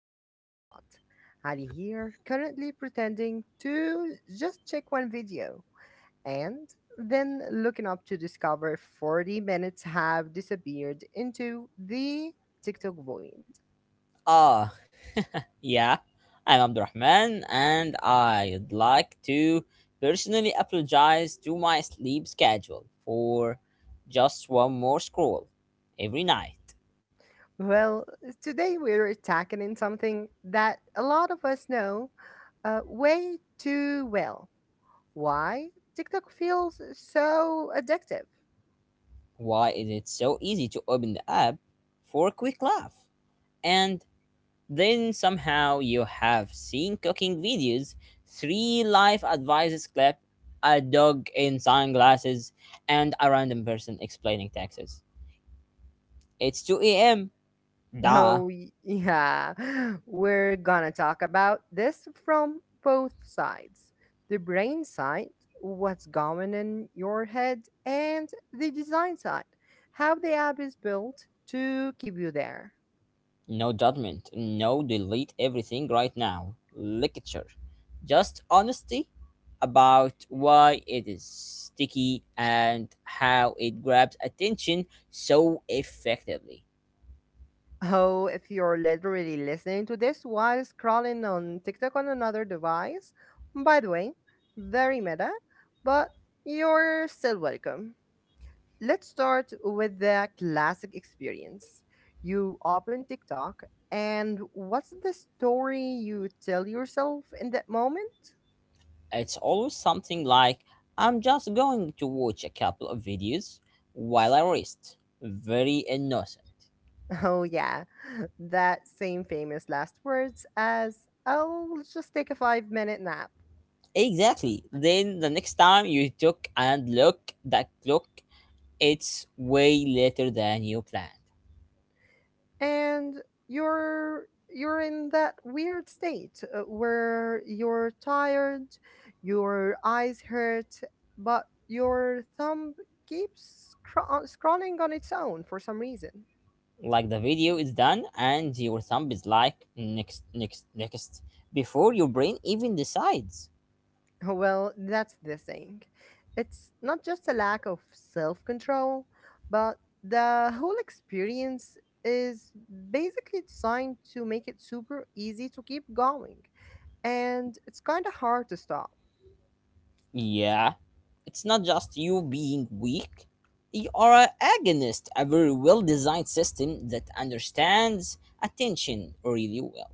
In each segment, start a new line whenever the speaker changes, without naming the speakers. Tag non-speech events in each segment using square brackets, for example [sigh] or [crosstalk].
the Cozy Spot. Ali here, currently pretending to just check one video and then looking up to discover 40 minutes have disappeared into the TikTok void.
Ah, yeah, I'm Abdurrahman, and I'd like to personally apologize to my sleep schedule for just one more scroll every night.
Well, Today we're tackling something that a lot of us know way too well. Why TikTok feels so addictive.
Why is it so easy to open the app for a quick laugh? And then somehow you have seen cooking videos, three life advices clip, a dog in sunglasses, and a random person explaining taxes. It's 2 a.m. Duh.
Oh, yeah. [laughs] We're gonna talk about this from both sides, the brain side, what's going in your head, and the design side, how the app is built to keep you there.
No judgment. No delete everything right now. Lecture. Just honesty about why it is sticky and how it grabs attention so effectively.
Oh, if you're literally listening to this while scrolling on TikTok on another device, by the way, very meta, but you're still welcome. Let's start with the classic experience. You open TikTok, and what's the story you tell yourself in that moment? [laughs]
It's always something like I'm just going to watch a couple of videos while I rest. Very innocent.
Oh, yeah, that same famous last words as, oh, let's just take a 5 minute nap.
Exactly. Then the next time you took and look that clock, it's way later than you planned.
And you're in that weird state where you're tired, your eyes hurt, but your thumb keeps scrolling on its own for some reason.
Like the video is done and your thumb is like next, next, next before your brain even decides.
Oh, Well, that's the thing. It's not just a lack of self control, but the whole experience is basically designed to make it super easy to keep going. And it's kind of hard to stop.
Yeah, it's not just you being weak. You are an agonist, a very well designed system that understands attention really well.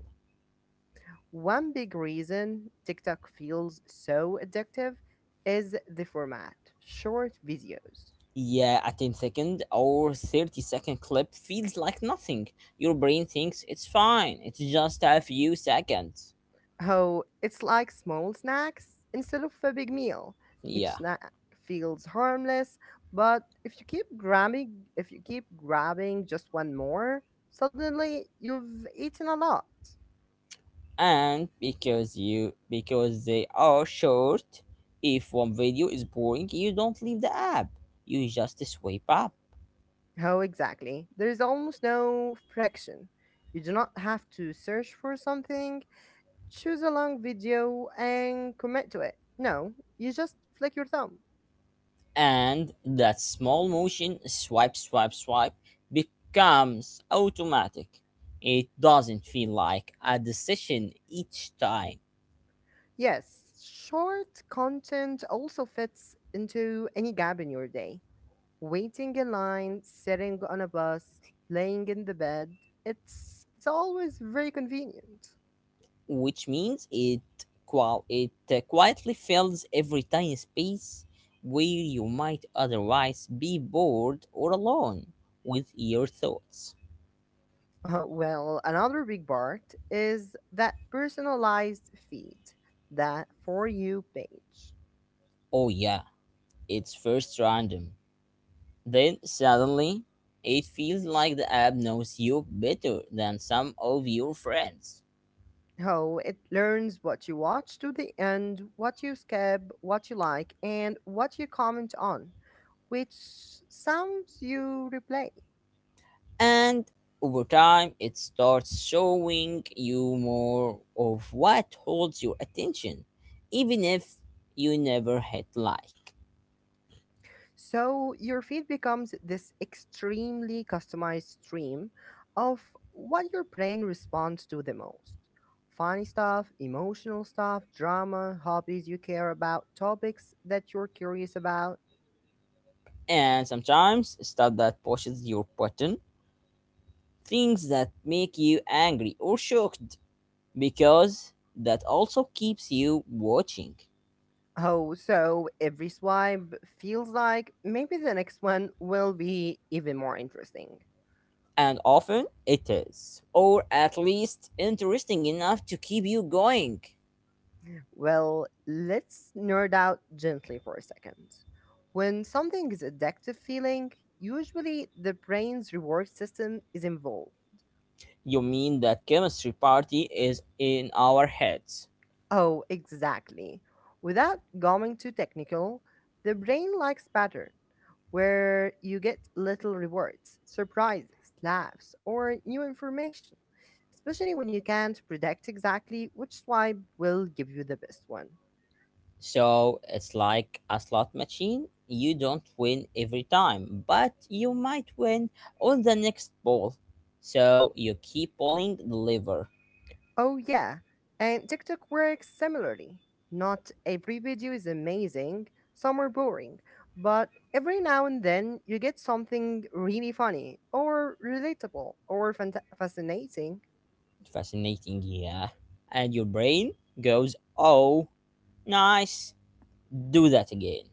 One big reason TikTok feels so addictive is the format short videos.
Yeah, a 10 second or 30-second clip feels like nothing. Your brain thinks it's fine, it's just a few seconds.
Oh, it's like small snacks instead of a big meal. Each
Yeah,
snack feels harmless, but if you keep grabbing just one more, suddenly you've eaten a lot.
and because they are short, if one video is boring you don't leave the app, you just swipe up.
Oh, exactly. There is almost no friction. You do not have to search for something, choose a long video, and commit to it. No, you just flick your thumb.
And that small motion, swipe, swipe, swipe, becomes automatic. It doesn't feel like a decision each time.
Yes, short content also fits into any gap in your day. Waiting in line, sitting on a bus, laying in the bed, it's always very convenient.
Which means it qual it quietly fills every tiny space where you might otherwise be bored or alone with your thoughts.
Well, another big part is that personalized feed, that for you page.
Oh, yeah, it's first random. Then suddenly, it feels like the app knows you better than some of your friends.
Oh, it learns what you watch to the end, what you skip, what you like, and what you comment on, which sounds you replay.
And over time, it starts showing you more of what holds your attention, even if you never hit like.
So your feed becomes this extremely customized stream of what your brain responds to the most. Funny stuff, emotional stuff, drama, hobbies you care about, topics that you're curious about.
And sometimes, stuff that pushes your button, things that make you angry or shocked, because that also keeps you watching.
Oh, so every swipe feels like maybe the next one will be even more interesting.
And often it is, or at least interesting enough to keep you going.
Well, let's nerd out gently for a second. When something is addictive feeling, usually the brain's reward system is involved.
You mean that chemistry party is in our heads.
Oh, exactly. Without going too technical, the brain likes pattern where you get little rewards, surprises, laughs, or new information, especially when you can't predict exactly which swipe will give you the best one.
So it's like a slot machine. You don't win every time, but you might win on the next ball, so you keep pulling the lever.
Oh, yeah. And TikTok works similarly. Not every video is amazing, some are boring, but every now and then you get something really funny or relatable or fascinating.
Fascinating, yeah. And your brain goes, oh, nice, do that again.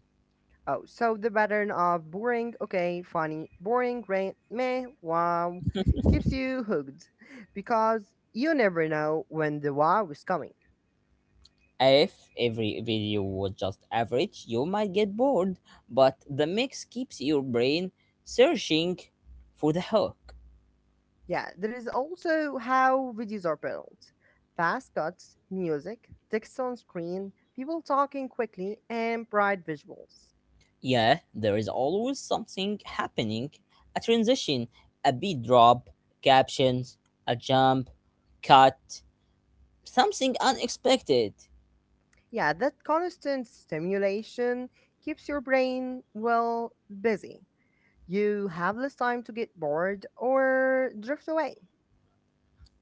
Oh, so the pattern of boring, okay, funny, boring, great, meh, wow keeps
[laughs]
you hooked because you never know when the wow is coming.
If every video was just average, you might get bored, but the mix keeps your brain searching for the hook.
Yeah, there is also how videos are built. Fast cuts, music, text on screen, people talking quickly, and bright visuals.
Yeah, there is always something happening, a transition, a beat drop, captions, a jump, cut, something unexpected.
Yeah, that constant stimulation keeps your brain, well, busy. You have less time to get bored or drift away.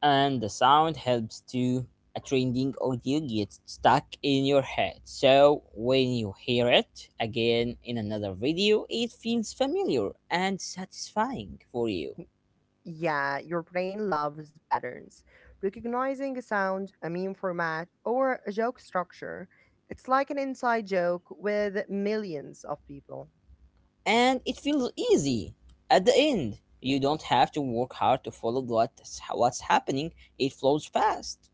And the sound helps to a trending audio gets stuck in your head, so when you hear it again in another video it feels familiar and satisfying for you.
Yeah, your brain loves patterns. Recognizing a sound, a meme format, or a joke structure, it's like an inside joke with millions of people.
And it feels easy. At the end you don't have to work hard to follow what's happening, it flows fast.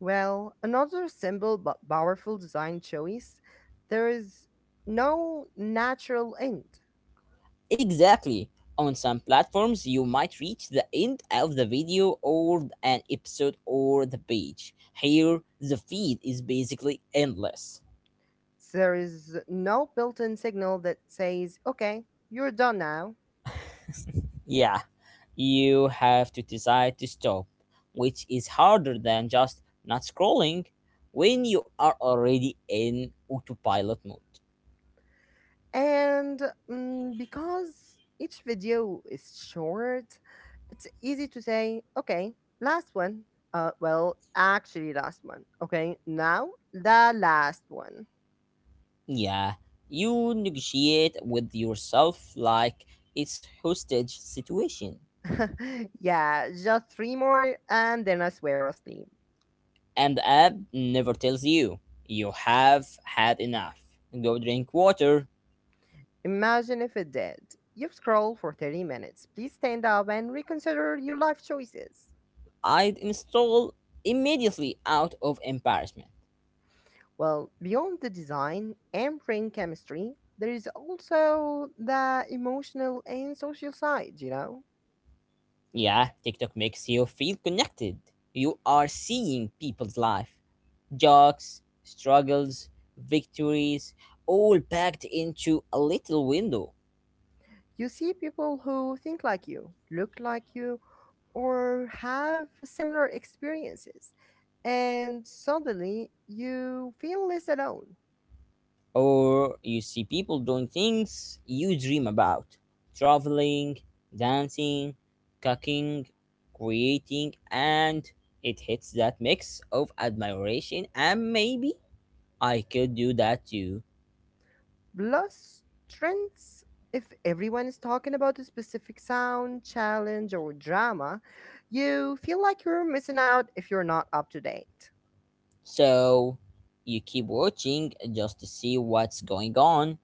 Well, another simple but powerful design choice, there is no natural end.
Exactly. On some platforms, you might reach the end of the video or an episode or the page. Here, the feed is basically endless.
There is no built in signal that says, okay, you're done now.
Yeah, you have to decide to stop, which is harder than just not scrolling when you are already in autopilot mode.
And because each video is short, it's easy to say, okay, last one. Well, actually, last one. Okay, now the last one.
Yeah, you negotiate with yourself like it's hostage situation.
[laughs] Yeah, just three more, and then I swear I'll sleep.
And the app never tells you you have had enough. Go drink water.
Imagine if it did. You've scrolled for 30 minutes. Please stand up and reconsider your life choices.
I'd install immediately out of embarrassment.
Well, beyond the design and brain chemistry, there is also the emotional and social side, you know?
Yeah, TikTok makes you feel connected. You are seeing people's life, jokes, struggles, victories, all packed into a little window.
You see people who think like you, look like you, or have similar experiences, and suddenly you feel less alone.
Or you see people doing things you dream about, traveling, dancing, cooking, creating, and it hits that mix of admiration and maybe I could do that too.
Plus, trends, if everyone is talking about a specific sound, challenge, or drama, you feel like you're missing out if you're not up to date.
So you keep watching just to see what's going on,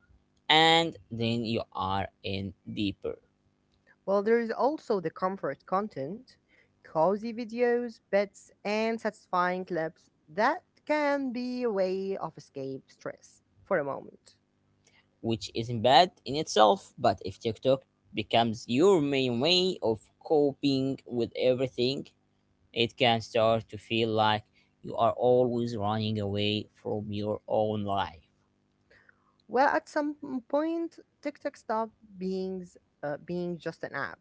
and then you are in deeper,
Well, there is also the comfort content, cozy videos, bets, and satisfying clips that can be a way of escape stress for a moment.
which isn't bad in itself. But if TikTok becomes your main way of coping with everything, it can start to feel like you are always running away from your own life.
Well, at some point, TikTok stopped being just an app,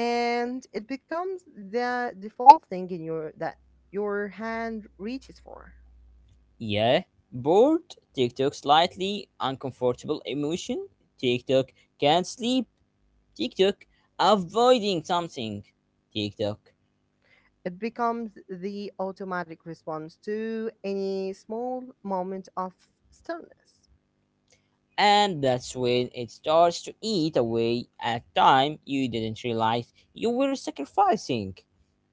and it becomes the default thing in your that your hand reaches for.
Yeah, bored, TikTok, slightly uncomfortable emotion, TikTok, can't sleep, TikTok, avoiding something, TikTok.
It becomes the automatic response to any small moment of stillness.
And that's when it starts to eat away at time you didn't realize you were sacrificing.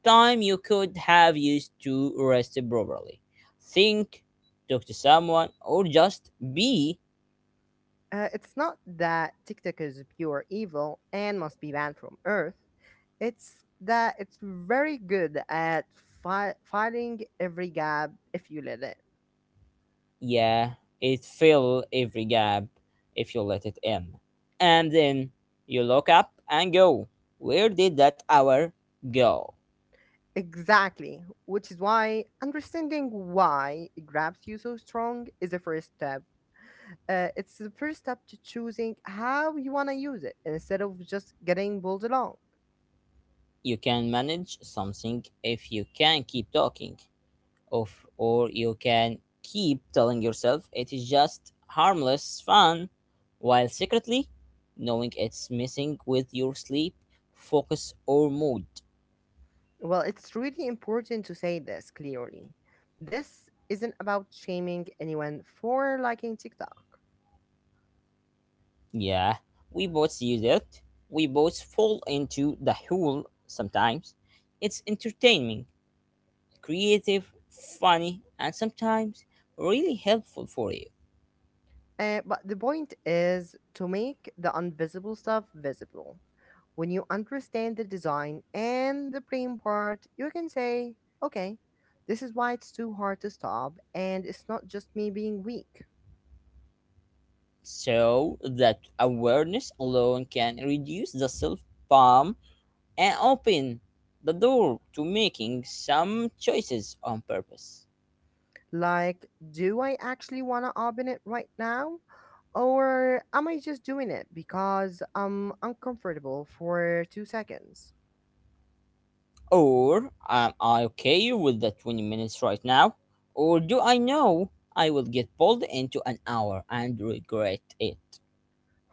Time you could have used to rest properly. Think, talk to someone, or just be.
It's not that TikTok is pure evil and must be banned from Earth. It's that it's very good at filing every gap if you let it.
Yeah, it fill every gap if you let it in. And then you look up and go, where did that hour go?
Exactly, which is why understanding why it grabs you so strong is the first step. It's the first step to choosing how you want to use it instead of just getting pulled along.
You can manage something if you can keep talking. Of, or you can keep telling yourself it is just harmless fun, while secretly knowing it's messing with your sleep, focus, or mood.
Well, it's really important to say this clearly. This isn't about shaming anyone for liking TikTok.
Yeah, we both use it. We both fall into the hole sometimes. It's entertaining, creative, funny, and sometimes really helpful for you.
But the point is to make the invisible stuff visible. When you understand the design and the brain part, you can say, okay, this is why it's too hard to stop, and it's not just me being weak.
So that awareness alone can reduce the self and open the door to making some choices on purpose.
Like, do I actually want to open it right now? Or am I just doing it because I'm uncomfortable for 2 seconds?
Or am I okay with the 20 minutes right now? Or do I know I will get pulled into an hour and regret it?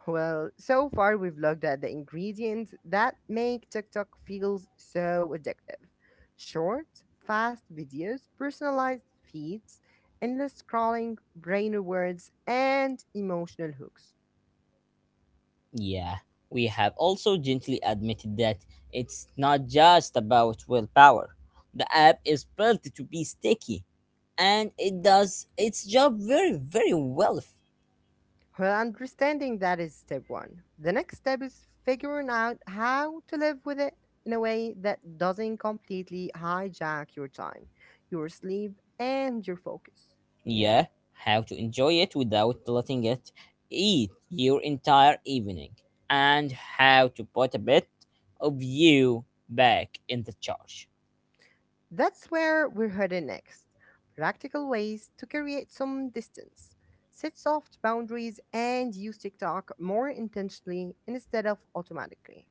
Well, so far we've looked at the ingredients that make TikTok feels so addictive. Short, fast videos, personalized feeds, endless scrolling, brain rewards, and emotional hooks.
Yeah, we have also gently admitted that it's not just about willpower. The app is built to be sticky and it does its job very, very well.
Well, understanding that is step one. The next step is figuring out how to live with it in a way that doesn't completely hijack your time, your sleep, and your focus.
Yeah, how to enjoy it without letting it eat your entire evening, and how to put a bit of you back in the charge.
That's where we're headed next. Practical ways to create some distance. Set soft boundaries and use TikTok more intentionally instead of automatically.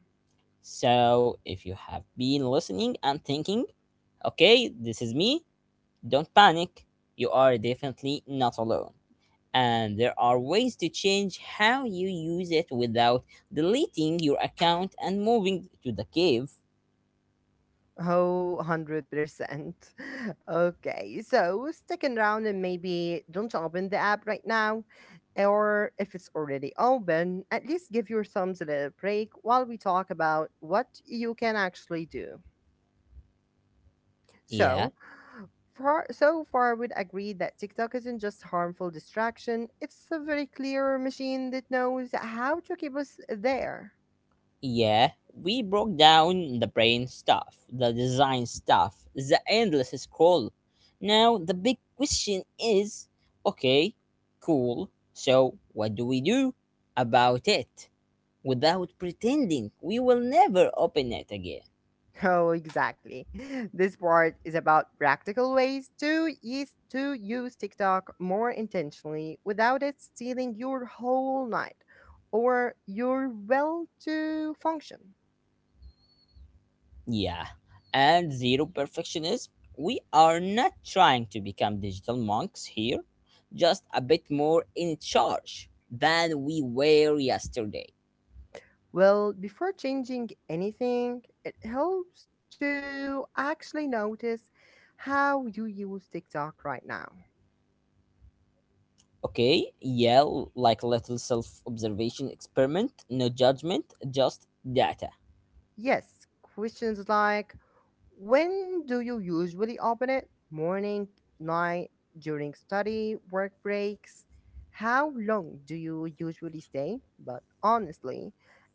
So, if you have been listening and thinking, okay, this is me, don't panic, you are definitely not alone. And there are ways to change how you use it without deleting your account and moving to the cave.
Oh, 100%. [laughs] Okay, so sticking around and maybe don't open the app right now. Or if it's already open, at least give your thumbs a little break while we talk about what you can actually do.
Yeah.
So, so far, we'd agree that TikTok isn't just harmful distraction, it's a very clear machine that knows how to keep us there.
Yeah, we broke down the brain stuff, the design stuff, the endless scroll. Now, the big question is okay, cool, so what do we do about it without pretending we will never open it again?
[laughs] Oh, exactly. This part is about practical ways to use TikTok more intentionally without it stealing your whole night or your well to function.
Yeah, and zero perfectionism. We are not trying to become digital monks here, just a bit more in charge than we were yesterday.
Well, before changing anything, it helps to actually notice how you use TikTok right now.
Okay, yeah, like little self observation experiment, no judgment, just data.
Yes, questions like, when do you usually open it? Morning, night, during study, work breaks? How long do you usually stay? But honestly,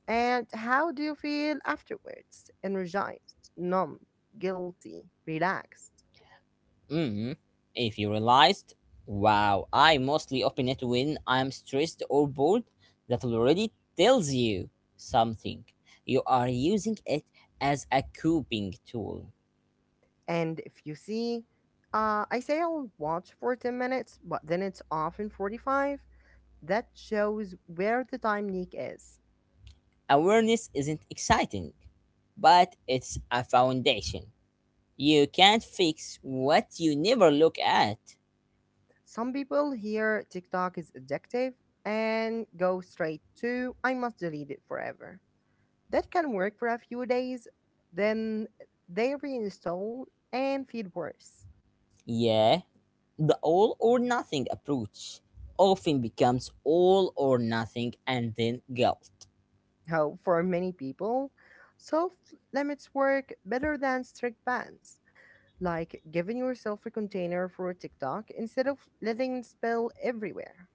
and how do you feel afterwards? Energized, numb, guilty, relaxed.
Hmm. If you realized, wow, I mostly open it when I'm stressed or bored, that already tells you something. You are using it as a coping tool.
And if you see, I say I'll watch for 10 minutes, but then it's off in 45. That shows where the time leak is.
Awareness isn't exciting, but it's a foundation. You can't fix what you never look at.
Some people hear TikTok is addictive and go straight to, I must delete it forever. That can work for a few days, then they reinstall and feel worse.
Yeah, the all or nothing approach often becomes all or nothing and then guilt.
How for many people, soft limits work better than strict bans, like giving yourself a container for TikTok instead of letting it spill everywhere.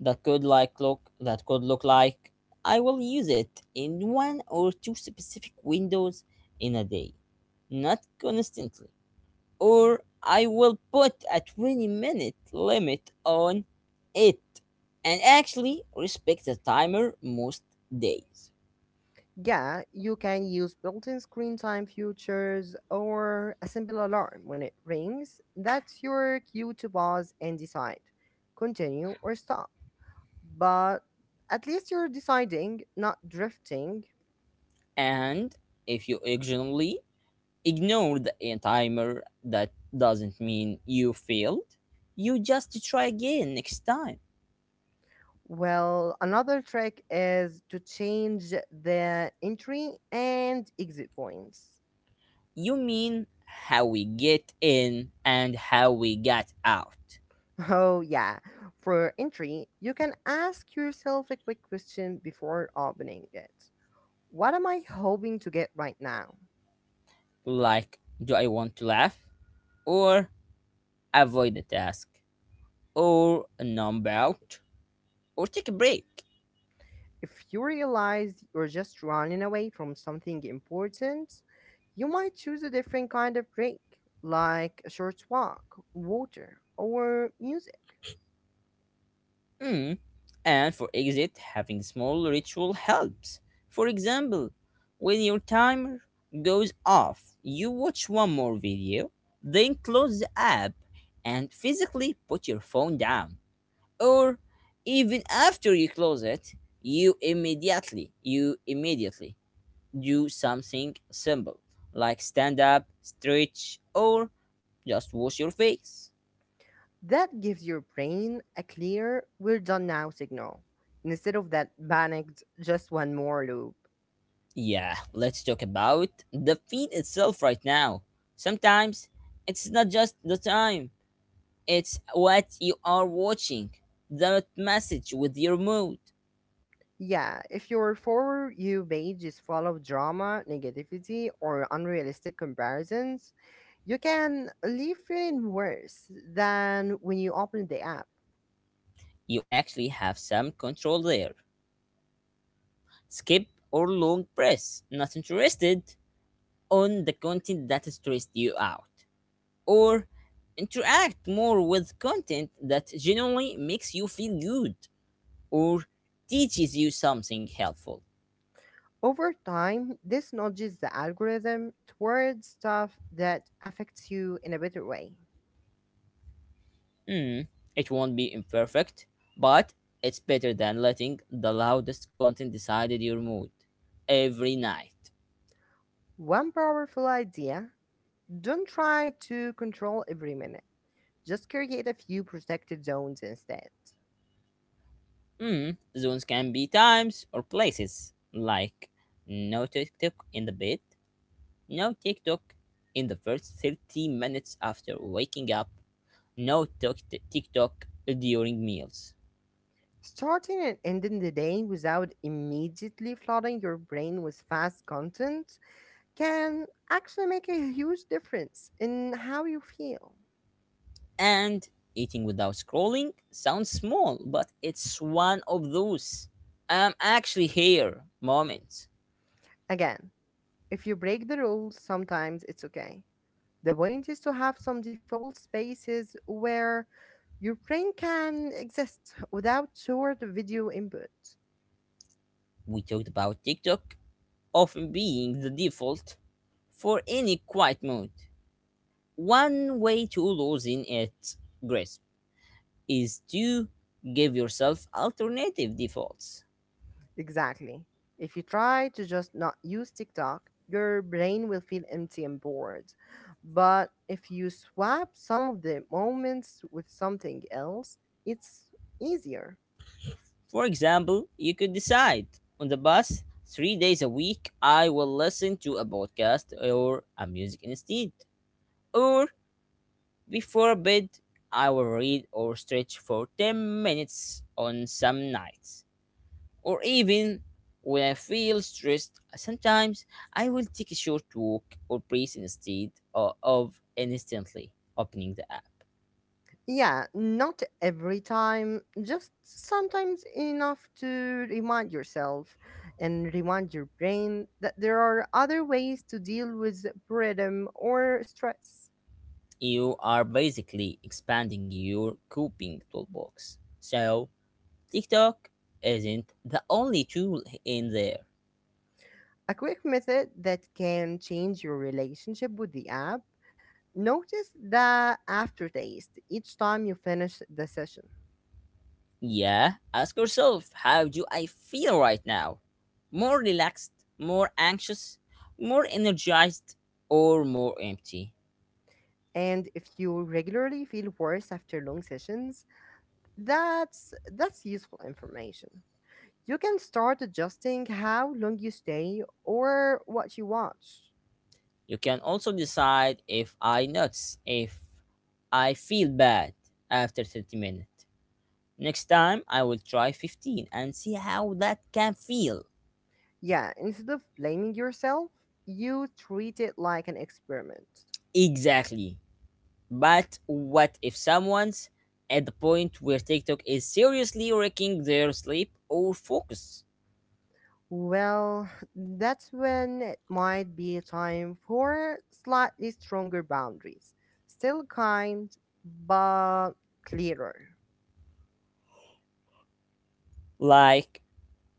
That could look like I will use it in one or two specific windows in a day, not constantly. Or I will put a 20-minute limit on it and actually respect the timer most days.
Yeah, you can use built-in screen time features or a simple alarm when it rings. That's your cue to pause and decide, continue or stop. But at least you're deciding, not drifting.
And if you occasionally ignore the timer. That doesn't mean you failed. You just try again next time.
Well, another trick is to change the entry and exit points.
You mean how we get in and how we get out.
[laughs] Oh, yeah. For entry, you can ask yourself a quick question before opening it. What am I hoping to get right now?
Like, do I want to laugh? Or avoid the task? Or numb out? Or take a break?
If you realize you're just running away from something important, you might choose a different kind of break, like a short walk, water, or music.
Mm. And for exit, having small ritual helps. For example, when your timer goes off, you watch one more video, then close the app and physically put your phone down. Or even after you close it, you immediately do something simple like stand up, stretch, or just wash your face.
That gives your brain a clear, we're done now signal, instead of that panicked, just one more loop.
Yeah, let's talk about the feed itself right now. Sometimes it's not just the time, it's what you are watching, that message with your mood.
Yeah, if your for you page is full of drama, negativity, or unrealistic comparisons, you can leave feeling worse than when you open the app.
You actually have some control there. Skip or long press, not interested, on the content that stressed you out. Or interact more with content that genuinely makes you feel good or teaches you something helpful.
Over time, this nudges the algorithm towards stuff that affects you in a better way.
Mm, it won't be imperfect, but it's better than letting the loudest content decide your mood every night.
One powerful idea, don't try to control every minute, just create a few protected zones instead.
Mm, zones can be times or places, like no TikTok in the bed, no TikTok in the first 30 minutes after waking up, no tok- TikTok during meals.
Starting and ending the day without immediately flooding your brain with fast content can actually make a huge difference in how you feel.
And eating without scrolling sounds small, but it's one of those I'm actually here moments.
Again, if you break the rules, sometimes it's okay. The point is to have some default spaces where your brain can exist without short video input.
We talked about TikTok often being the default for any quiet mode. One way to losing its grasp is to give yourself alternative defaults.
Exactly. If you try to just not use TikTok, your brain will feel empty and bored. But if you swap some of the moments with something else, it's easier.
For example, you could decide on the bus, 3 days a week, I will listen to a podcast or a music instead. Or before bed, I will read or stretch for 10 minutes on some nights. Or even when I feel stressed, sometimes I will take a short walk or breathe instead of instantly opening the app.
Yeah, not every time, just sometimes enough to remind yourself and remind your brain that there are other ways to deal with boredom or stress.
You are basically expanding your coping toolbox. So, TikTok isn't the only tool in there.
A quick method that can change your relationship with the app. Notice the aftertaste each time you finish the session.
Yeah, ask yourself how do I feel right now? More relaxed, more anxious, more energized, or more empty?
And if you regularly feel worse after long sessions, that's useful information. You can start adjusting how long you stay or what you watch.
You can also decide if I nuts if I feel bad after 30 minutes. Next time I will try 15 and see how that can feel.
Yeah, instead of blaming yourself, you treat it like an experiment.
Exactly. But what if someone's at the point where TikTok is seriously wrecking their sleep or focus?
Well, [sighs] that's when it might be time for slightly stronger boundaries. Still kind, but clearer.
Like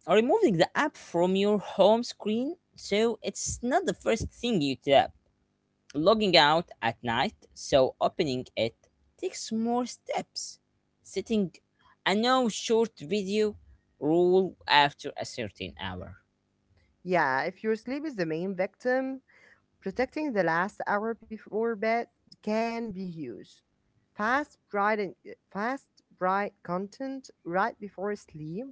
removing the app from your home screen so it's not the first thing you tap. Logging out at night, so opening it takes more steps. Setting a no short video rule after a certain hour.
Yeah, if your sleep is the main victim, protecting the last hour before bed can be huge. Fast bright and fast bright content right before sleep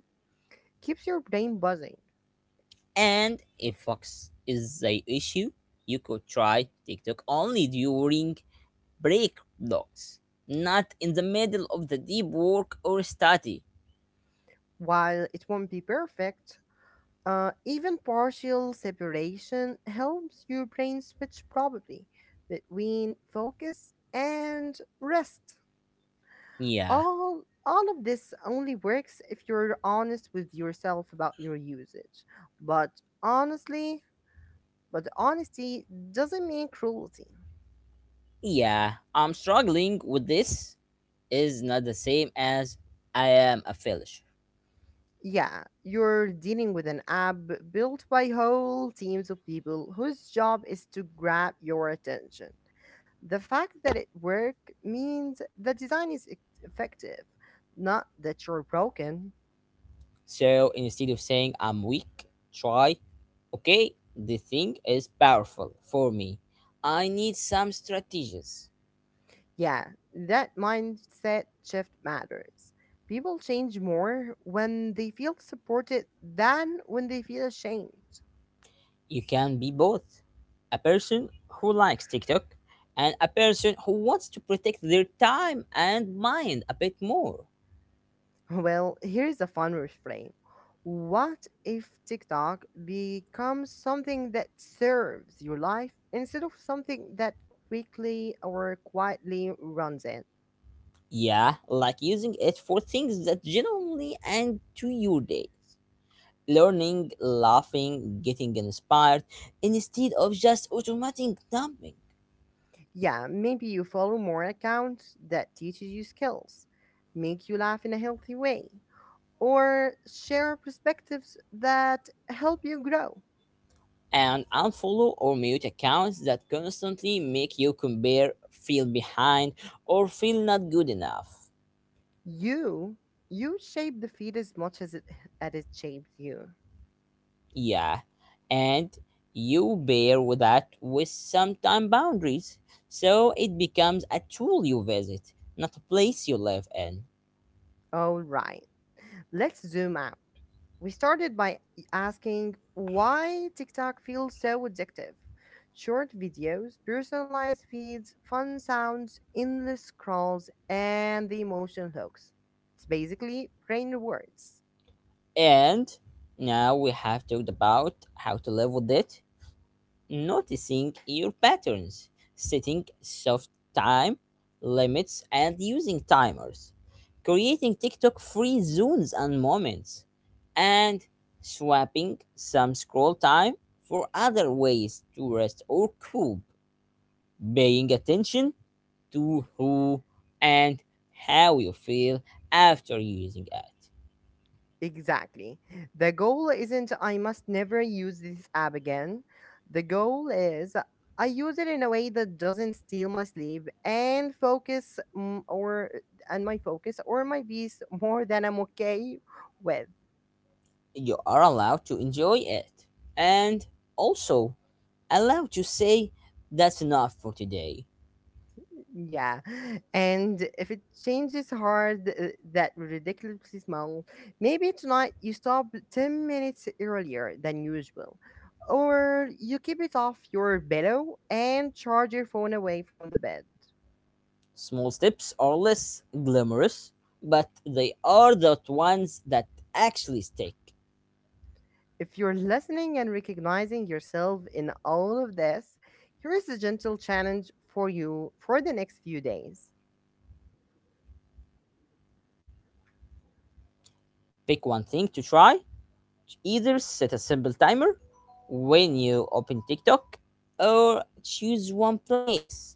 keeps your brain buzzing.
And if Fox is the issue, you could try TikTok only during break blocks, not in the middle of the deep work or study.
While it won't be perfect, even partial separation helps your brain switch probably between focus and rest.
Yeah,
All of this only works if you're honest with yourself about your usage. But honestly, But honesty doesn't mean cruelty.
yeah, I'm struggling with this. Is not the same as I am a failure.
Yeah, you're dealing with an app built by whole teams of people whose job is to grab your attention. The fact that it worked means the design is effective, not that you're broken.
So instead of saying I'm weak, try, okay, the thing is powerful for me. I need some strategies.
Yeah, that mindset shift matters. People change more when they feel supported than when they feel ashamed.
You can be both a person who likes TikTok and a person who wants to protect their time and mind a bit more.
Well, here's a fun refrain. What if TikTok becomes something that serves your life instead of something that quickly or quietly runs it?
Yeah, like using it for things that genuinely add to your day. Learning, laughing, getting inspired, instead of just automatic dumping.
Yeah, maybe you follow more accounts that teaches you skills, make you laugh in a healthy way, or share perspectives that help you grow.
And unfollow or mute accounts that constantly make you compare, feel behind, or feel not good enough.
You you shape the feed as much as it shapes you.
Yeah, and you bear with that with some time boundaries, so it becomes a tool you visit, not a place you live in.
All right, let's zoom out. We started by asking why TikTok feels so addictive. Short videos, personalized feeds, fun sounds, endless scrolls, and the emotion hooks. It's basically brain rewards.
And now we have talked about how to live with it, noticing your patterns, setting soft time limits, and using timers, creating TikTok free zones and moments, and swapping some scroll time for other ways to rest or cope, paying attention to who and how you feel after using it.
Exactly. The goal isn't I must never use this app again. The goal is I use it in a way that doesn't steal my sleep and focus mm, or and my focus or my peace more than I'm okay with.
You are allowed to enjoy it and also allowed to say that's enough for today.
Yeah. And if it changes hard, that ridiculously small, maybe tonight you stop 10 minutes earlier than usual. Or you keep it off your pillow and charge your phone away from the bed.
Small steps are less glamorous, but they are the ones that actually stick.
If you're listening and recognizing yourself in all of this, here is a gentle challenge for you for the next few days.
Pick one thing to try, either set a simple timer when you open TikTok or choose one place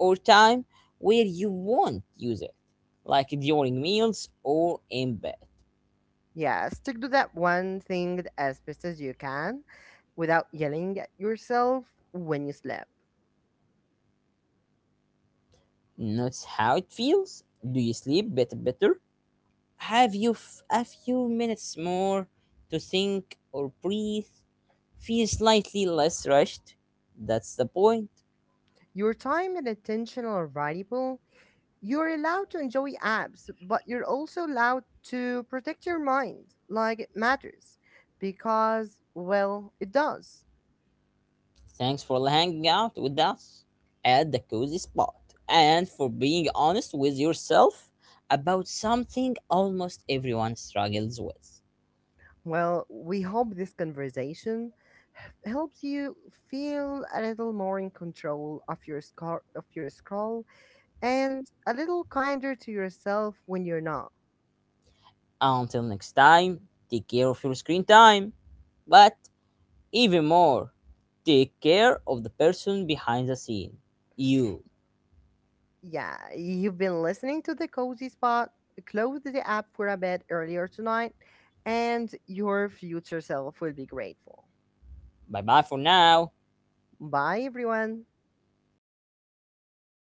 or time where you won't use it, like during meals or in bed.
Yeah, stick to that one thing as best as you can without yelling at yourself when you sleep.
Not how it feels. Do you sleep better? Better? Have you a few minutes more to think or breathe? Feel slightly less rushed. That's the point.
Your time and attention are valuable. You're allowed to enjoy apps, but you're also allowed to protect your mind like it matters because, well, it does.
Thanks for hanging out with us at the cozy spot and for being honest with yourself about something almost everyone struggles with.
Well, we hope this conversation helps you feel a little more in control of your scroll and a little kinder to yourself when you're not.
Until next time, take care of your screen time. But even more, take care of the person behind the scene. You.
Yeah, you've been listening to the cozy spot. Close the app for a bit earlier tonight, and your future self will be grateful.
Bye bye for now.
Bye, everyone.